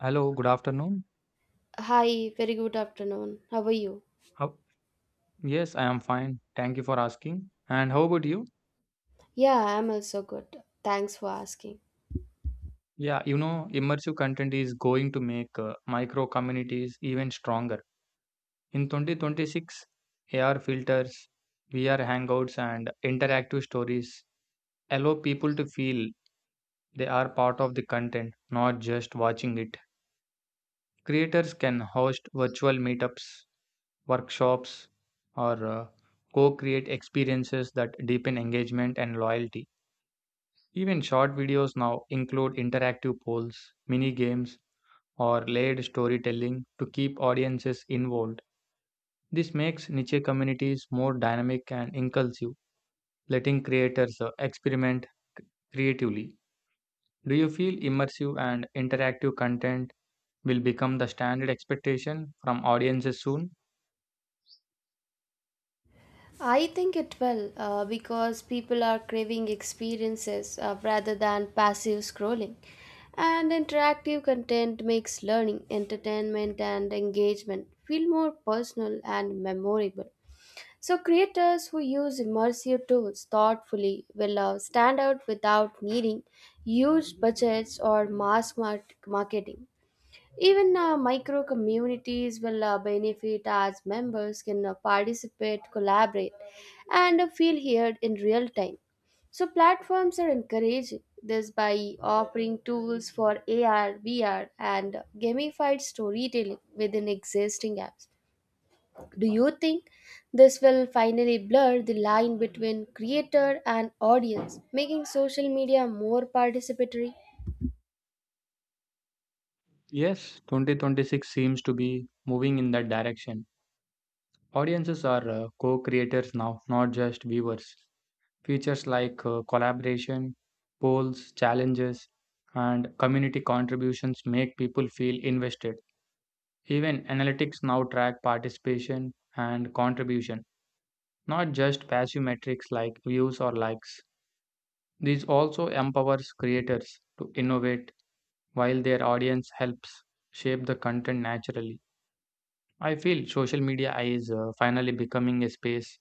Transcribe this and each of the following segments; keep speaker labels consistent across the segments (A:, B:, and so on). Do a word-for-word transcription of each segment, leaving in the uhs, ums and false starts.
A: Hello, good afternoon.
B: Hi, very good afternoon. How are you?
A: How, yes, I am fine. Thank you for asking. And how about you?
B: Yeah, I'm also good. Thanks for asking.
A: Yeah, you know, immersive content is going to make uh, micro communities even stronger. In twenty twenty-six, A R filters, V R hangouts, and interactive stories allow people to feel they are part of the content, not just watching it. Creators can host virtual meetups, workshops, or uh, co create experiences that deepen engagement and loyalty. Even short videos now include interactive polls, mini games, or layered storytelling to keep audiences involved. This makes niche communities more dynamic and inclusive, letting creators uh, experiment creatively. Do you feel immersive and interactive content will become the standard expectation from audiences soon?
B: I think it will, uh, because people are craving experiences, uh, rather than passive scrolling. And interactive content makes learning, entertainment, and engagement feel more personal and memorable. So, creators who use immersive tools thoughtfully will, uh, stand out without needing huge budgets or mass mar- marketing. Even uh, micro communities will, uh, benefit as members can, uh, participate, collaborate, and, uh, feel heard in real time. So, platforms are encouraging this by offering tools for A R, V R, and gamified storytelling within existing apps. Do you think this will finally blur the line between creator and audience, making social media more participatory?
A: Yes, twenty twenty-six seems to be moving in that direction. Audiences are uh, co creators now, not just viewers. Features like uh, collaboration, polls, challenges, and community contributions make people feel invested. Even analytics now track participation and contribution, not just passive metrics like views or likes. This also empowers creators to innovate while their audience helps shape the content naturally. I feel social media is uh, finally becoming a space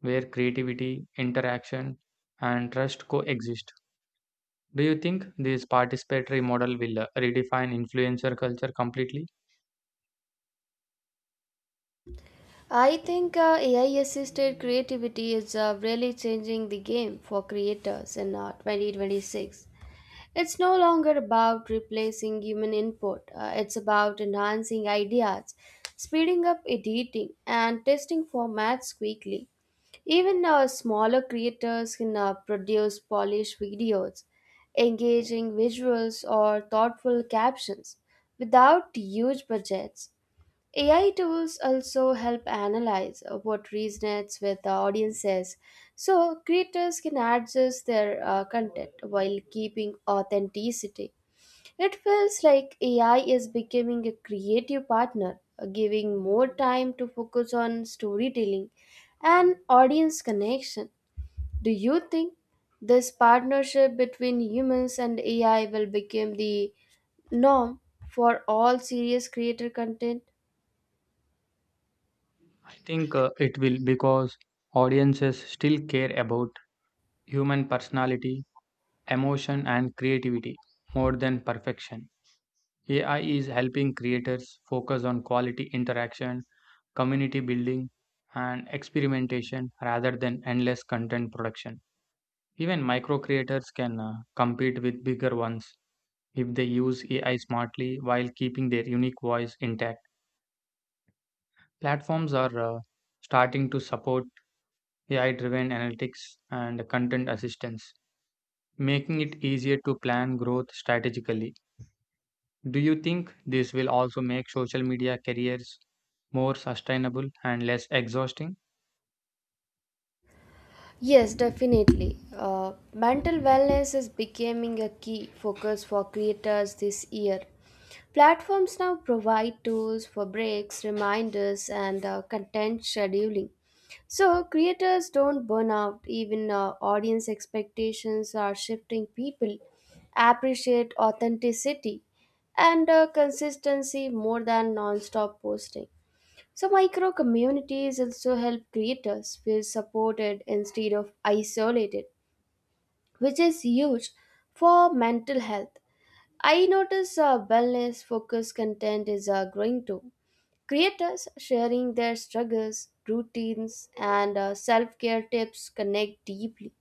A: where creativity, interaction, and trust coexist. Do you think this participatory model will uh, redefine influencer culture completely?
B: I think, uh, A I assisted creativity is, uh, really changing the game for creators in, uh, twenty twenty-six. It's no longer about replacing human input. Uh, it's about enhancing ideas, speeding up editing, and testing formats quickly. Even uh, smaller creators can, uh, produce polished videos, engaging visuals, or thoughtful captions without huge budgets. A I tools also help analyze uh, what resonates with the audiences, so creators can adjust their uh, content while keeping authenticity. It feels like A I is becoming a creative partner, uh, giving more time to focus on storytelling and audience connection. Do you think this partnership between humans and A I will become the norm for all serious creator content?
A: I think uh, it will because audiences still care about human personality, emotion, and creativity more than perfection. A I is helping creators focus on quality interaction, community building, and experimentation rather than endless content production. Even micro creators can uh, compete with bigger ones if they use A I smartly while keeping their unique voice intact. Platforms are uh, starting to support A I driven analytics and content assistance, making it easier to plan growth strategically. Do you think this will also make social media careers more sustainable and less exhausting?
B: Yes, definitely. Uh, mental wellness is becoming a key focus for creators this year. Platforms now provide tools for breaks, reminders, and, uh, content scheduling. So creators don't burn out. Even uh, audience expectations are shifting. People appreciate authenticity and, uh, consistency more than non stop posting. So, micro communities also help creators feel supported instead of isolated, which is huge for mental health. I notice uh, wellness focused content is uh, growing too. Creators sharing their struggles, routines, and, uh, self care tips connect deeply.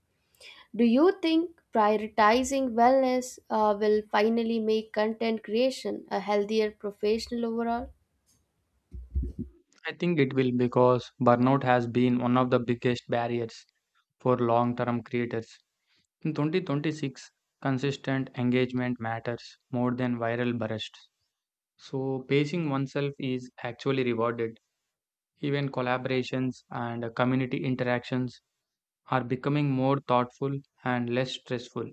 B: Do you think prioritizing wellness, uh, will finally make content creation a healthier professional overall?
A: I think it will because burnout has been one of the biggest barriers for long term creators. In twenty twenty-six, consistent engagement matters more than viral bursts. So, pacing oneself is actually rewarded. Even collaborations and community interactions are becoming more thoughtful and less stressful.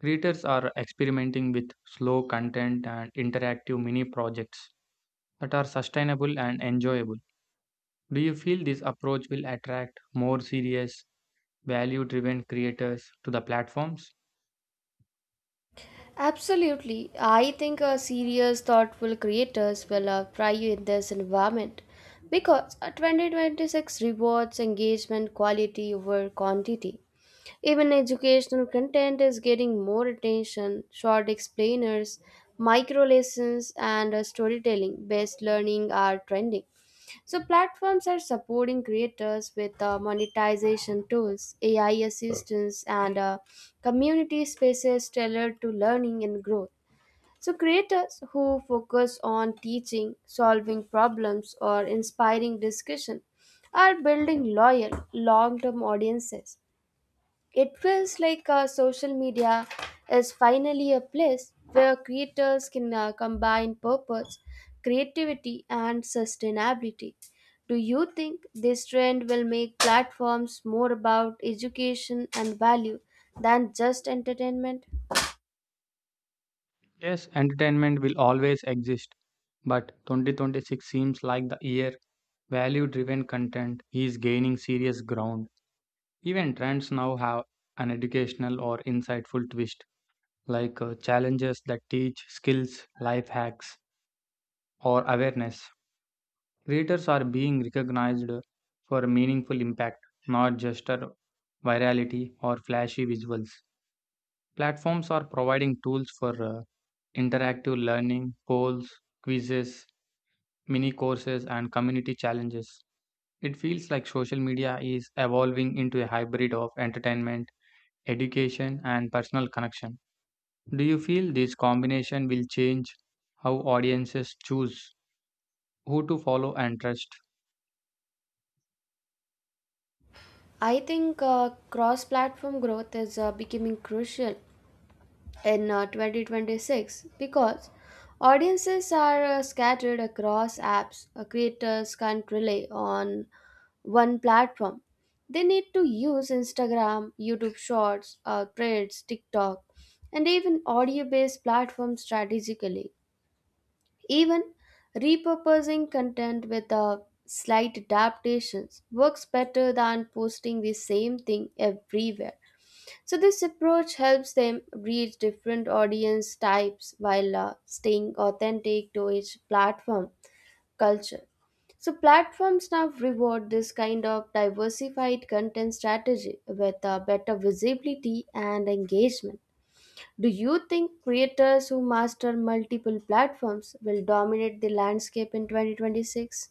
A: Creators are experimenting with slow content and interactive mini projects that are sustainable and enjoyable. Do you feel this approach will attract more serious, value driven creators to the platforms?
B: Absolutely. I think a serious, thoughtful creators will, uh, thrive in this environment because, uh, twenty twenty-six rewards engagement quality over quantity. Even educational content is getting more attention. Short explainers, micro lessons, and, uh, storytelling based learning are trending. So platforms are supporting creators with, uh, monetization tools, A I assistance, and, uh, community spaces tailored to learning and growth. So creators who focus on teaching, solving problems, or inspiring discussion are building loyal, long-term audiences. It feels like uh, social media is finally a place where creators can, uh, combine purpose, creativity, and sustainability. Do you think this trend will make platforms more about education and value than just entertainment?
A: Yes, entertainment will always exist, but twenty twenty-six seems like the year value driven content is gaining serious ground. Even trends now have an educational or insightful twist, like uh, challenges that teach skills, life hacks, or awareness. Creators are being recognized for meaningful impact, not just uh, virality or flashy visuals. Platforms are providing tools for uh, interactive learning, polls, quizzes, mini courses, and community challenges. It feels like social media is evolving into a hybrid of entertainment education, and personal connection. Do you feel this combination will change how audiences choose who to follow and trust?
B: I think, uh, cross platform growth is, uh, becoming crucial in, uh, twenty twenty-six because audiences are, uh, scattered across apps. Uh, creators can't rely on one platform. They need to use Instagram, YouTube Shorts, uh, Threads, TikTok, and even audio based platforms strategically. Even repurposing content with, uh, slight adaptations works better than posting the same thing everywhere. So this approach helps them reach different audience types while, uh, staying authentic to each platform culture. So platforms now reward this kind of diversified content strategy with, uh, better visibility and engagement. Do you think creators who master multiple platforms will dominate the landscape in twenty twenty-six?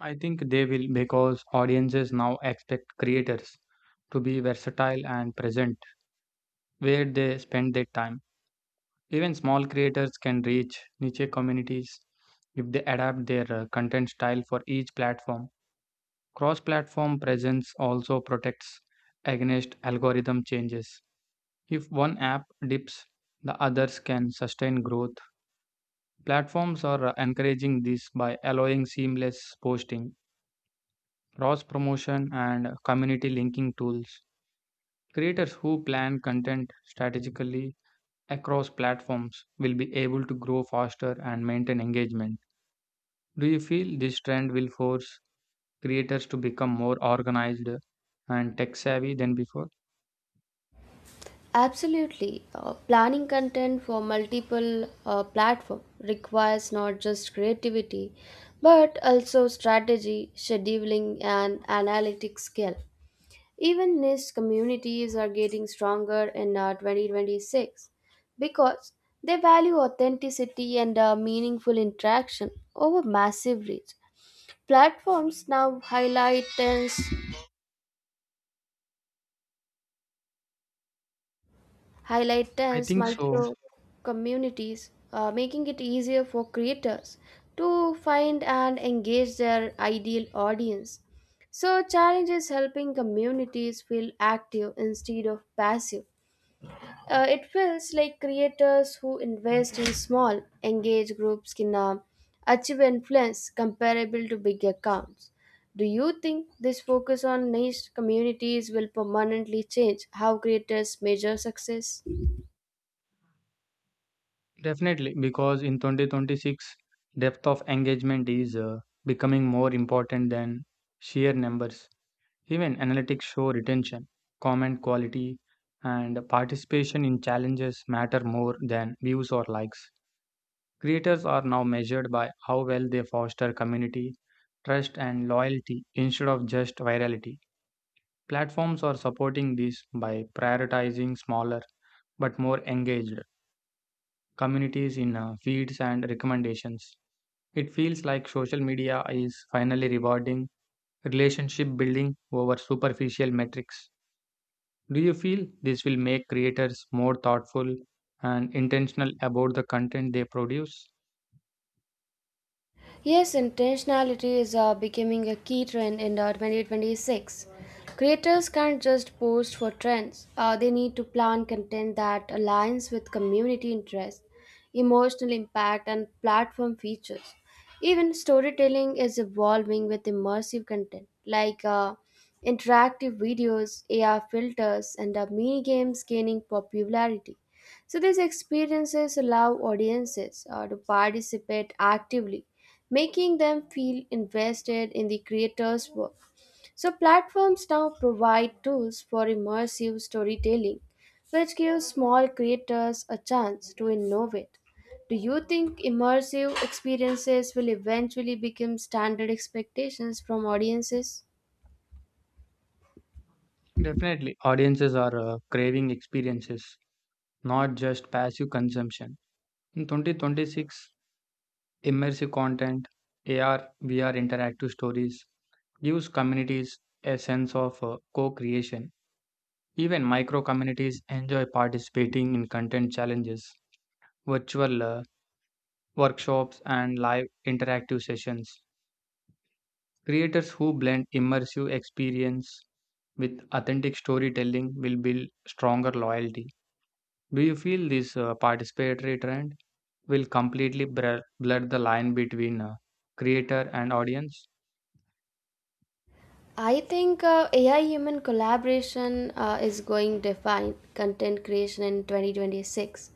A: I think they will because audiences now expect creators to be versatile and present where they spend their time. Even small creators can reach niche communities if they adapt their uh, content style for each platform. Cross platform presence also protects against algorithm changes. If one app dips, the others can sustain growth. Platforms are encouraging this by allowing seamless posting, cross promotion, and community linking tools. Creators who plan content strategically across platforms will be able to grow faster and maintain engagement. Do you feel this trend will force creators to become more organized and tech savvy than before?
B: Absolutely. Uh, planning content for multiple uh, platform requires not just creativity but also strategy, scheduling and analytic skill. Even niche communities are getting stronger in, uh, twenty twenty-six because they value authenticity and, uh, meaningful interaction over massive reach. Platforms now highlight trends highlight
A: I
B: as
A: think so.
B: micro communities, uh, making it easier for creators to find and engage their ideal audience. So, challenge is helping communities feel active instead of passive. Uh, it feels like creators who invest in small, engaged groups can, uh, achieve influence comparable to big accounts. Do you think this focus on niche communities will permanently change how creators measure success?
A: Definitely, because in twenty twenty-six, depth of engagement is uh, becoming more important than sheer numbers. Even analytics show retention, comment quality, and participation in challenges matter more than views or likes. Creators are now measured by how well they foster community, trust, and loyalty instead of just virality. Platforms are supporting this by prioritizing smaller but more engaged communities in uh, feeds and recommendations. It feels like social media is finally rewarding relationship building over superficial metrics. Do you feel this will make creators more thoughtful and intentional about the content they produce?
B: Yes, intentionality is, uh, becoming a key trend in, uh, twenty twenty-six. Creators can't just post for trends. Uh, they need to plan content that aligns with community interest, emotional impact, and platform features. Even storytelling is evolving with immersive content like, uh, interactive videos, A R filters, and, uh, mini games gaining popularity. So, these experiences allow audiences, uh, to participate actively, making them feel invested in the creator's work. So, platforms now provide tools for immersive storytelling, which gives small creators a chance to innovate. Do you think immersive experiences will eventually become standard expectations from audiences?
A: Definitely, audiences are uh, craving experiences, not just passive consumption. In twenty twenty-six, immersive content, A R, V R interactive stories gives communities a sense of uh, co creation. Even micro communities enjoy participating in content challenges, virtual uh, workshops, and live interactive sessions. Creators who blend immersive experience with authentic storytelling will build stronger loyalty. Do you feel this uh, participatory trend will completely blur, blur the line between uh, creator and audience?
B: I think, uh, A I human collaboration, uh, is going to define content creation in twenty twenty-six.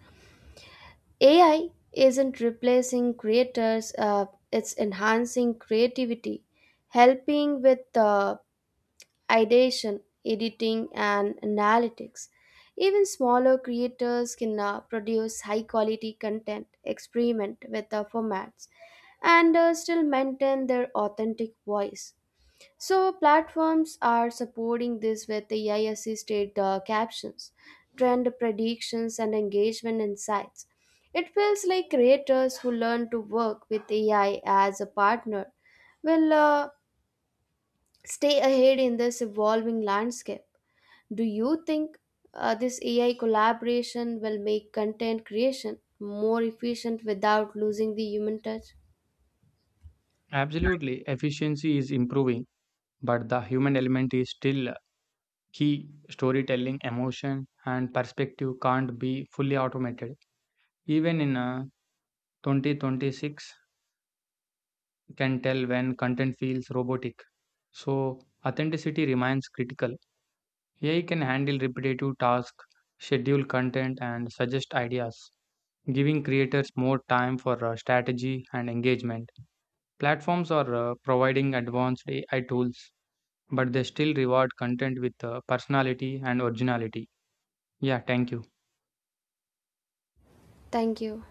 B: A I isn't replacing creators. Uh, it's enhancing creativity, helping with, uh, ideation, editing, and analytics. Even smaller creators can, uh, produce high quality content, experiment with the formats, and, uh, still maintain their authentic voice. So, platforms are supporting this with A I assisted, uh, captions, trend predictions, and engagement insights. It feels like creators who learn to work with A I as a partner will, uh, stay ahead in this evolving landscape. Do you think, uh, this A I collaboration will make content creation more efficient without losing the human touch?
A: Absolutely, efficiency is improving, but the human element is still uh, key storytelling, emotion, and perspective can't be fully automated. Even in a twenty twenty-six can tell when content feels robotic. So, authenticity remains critical. A I can handle repetitive tasks, schedule content, and suggest ideas, giving creators more time for uh, strategy and engagement. Platforms are uh, providing advanced A I tools, but they still reward content with uh, personality and originality. Yeah, thank you.
B: Thank you.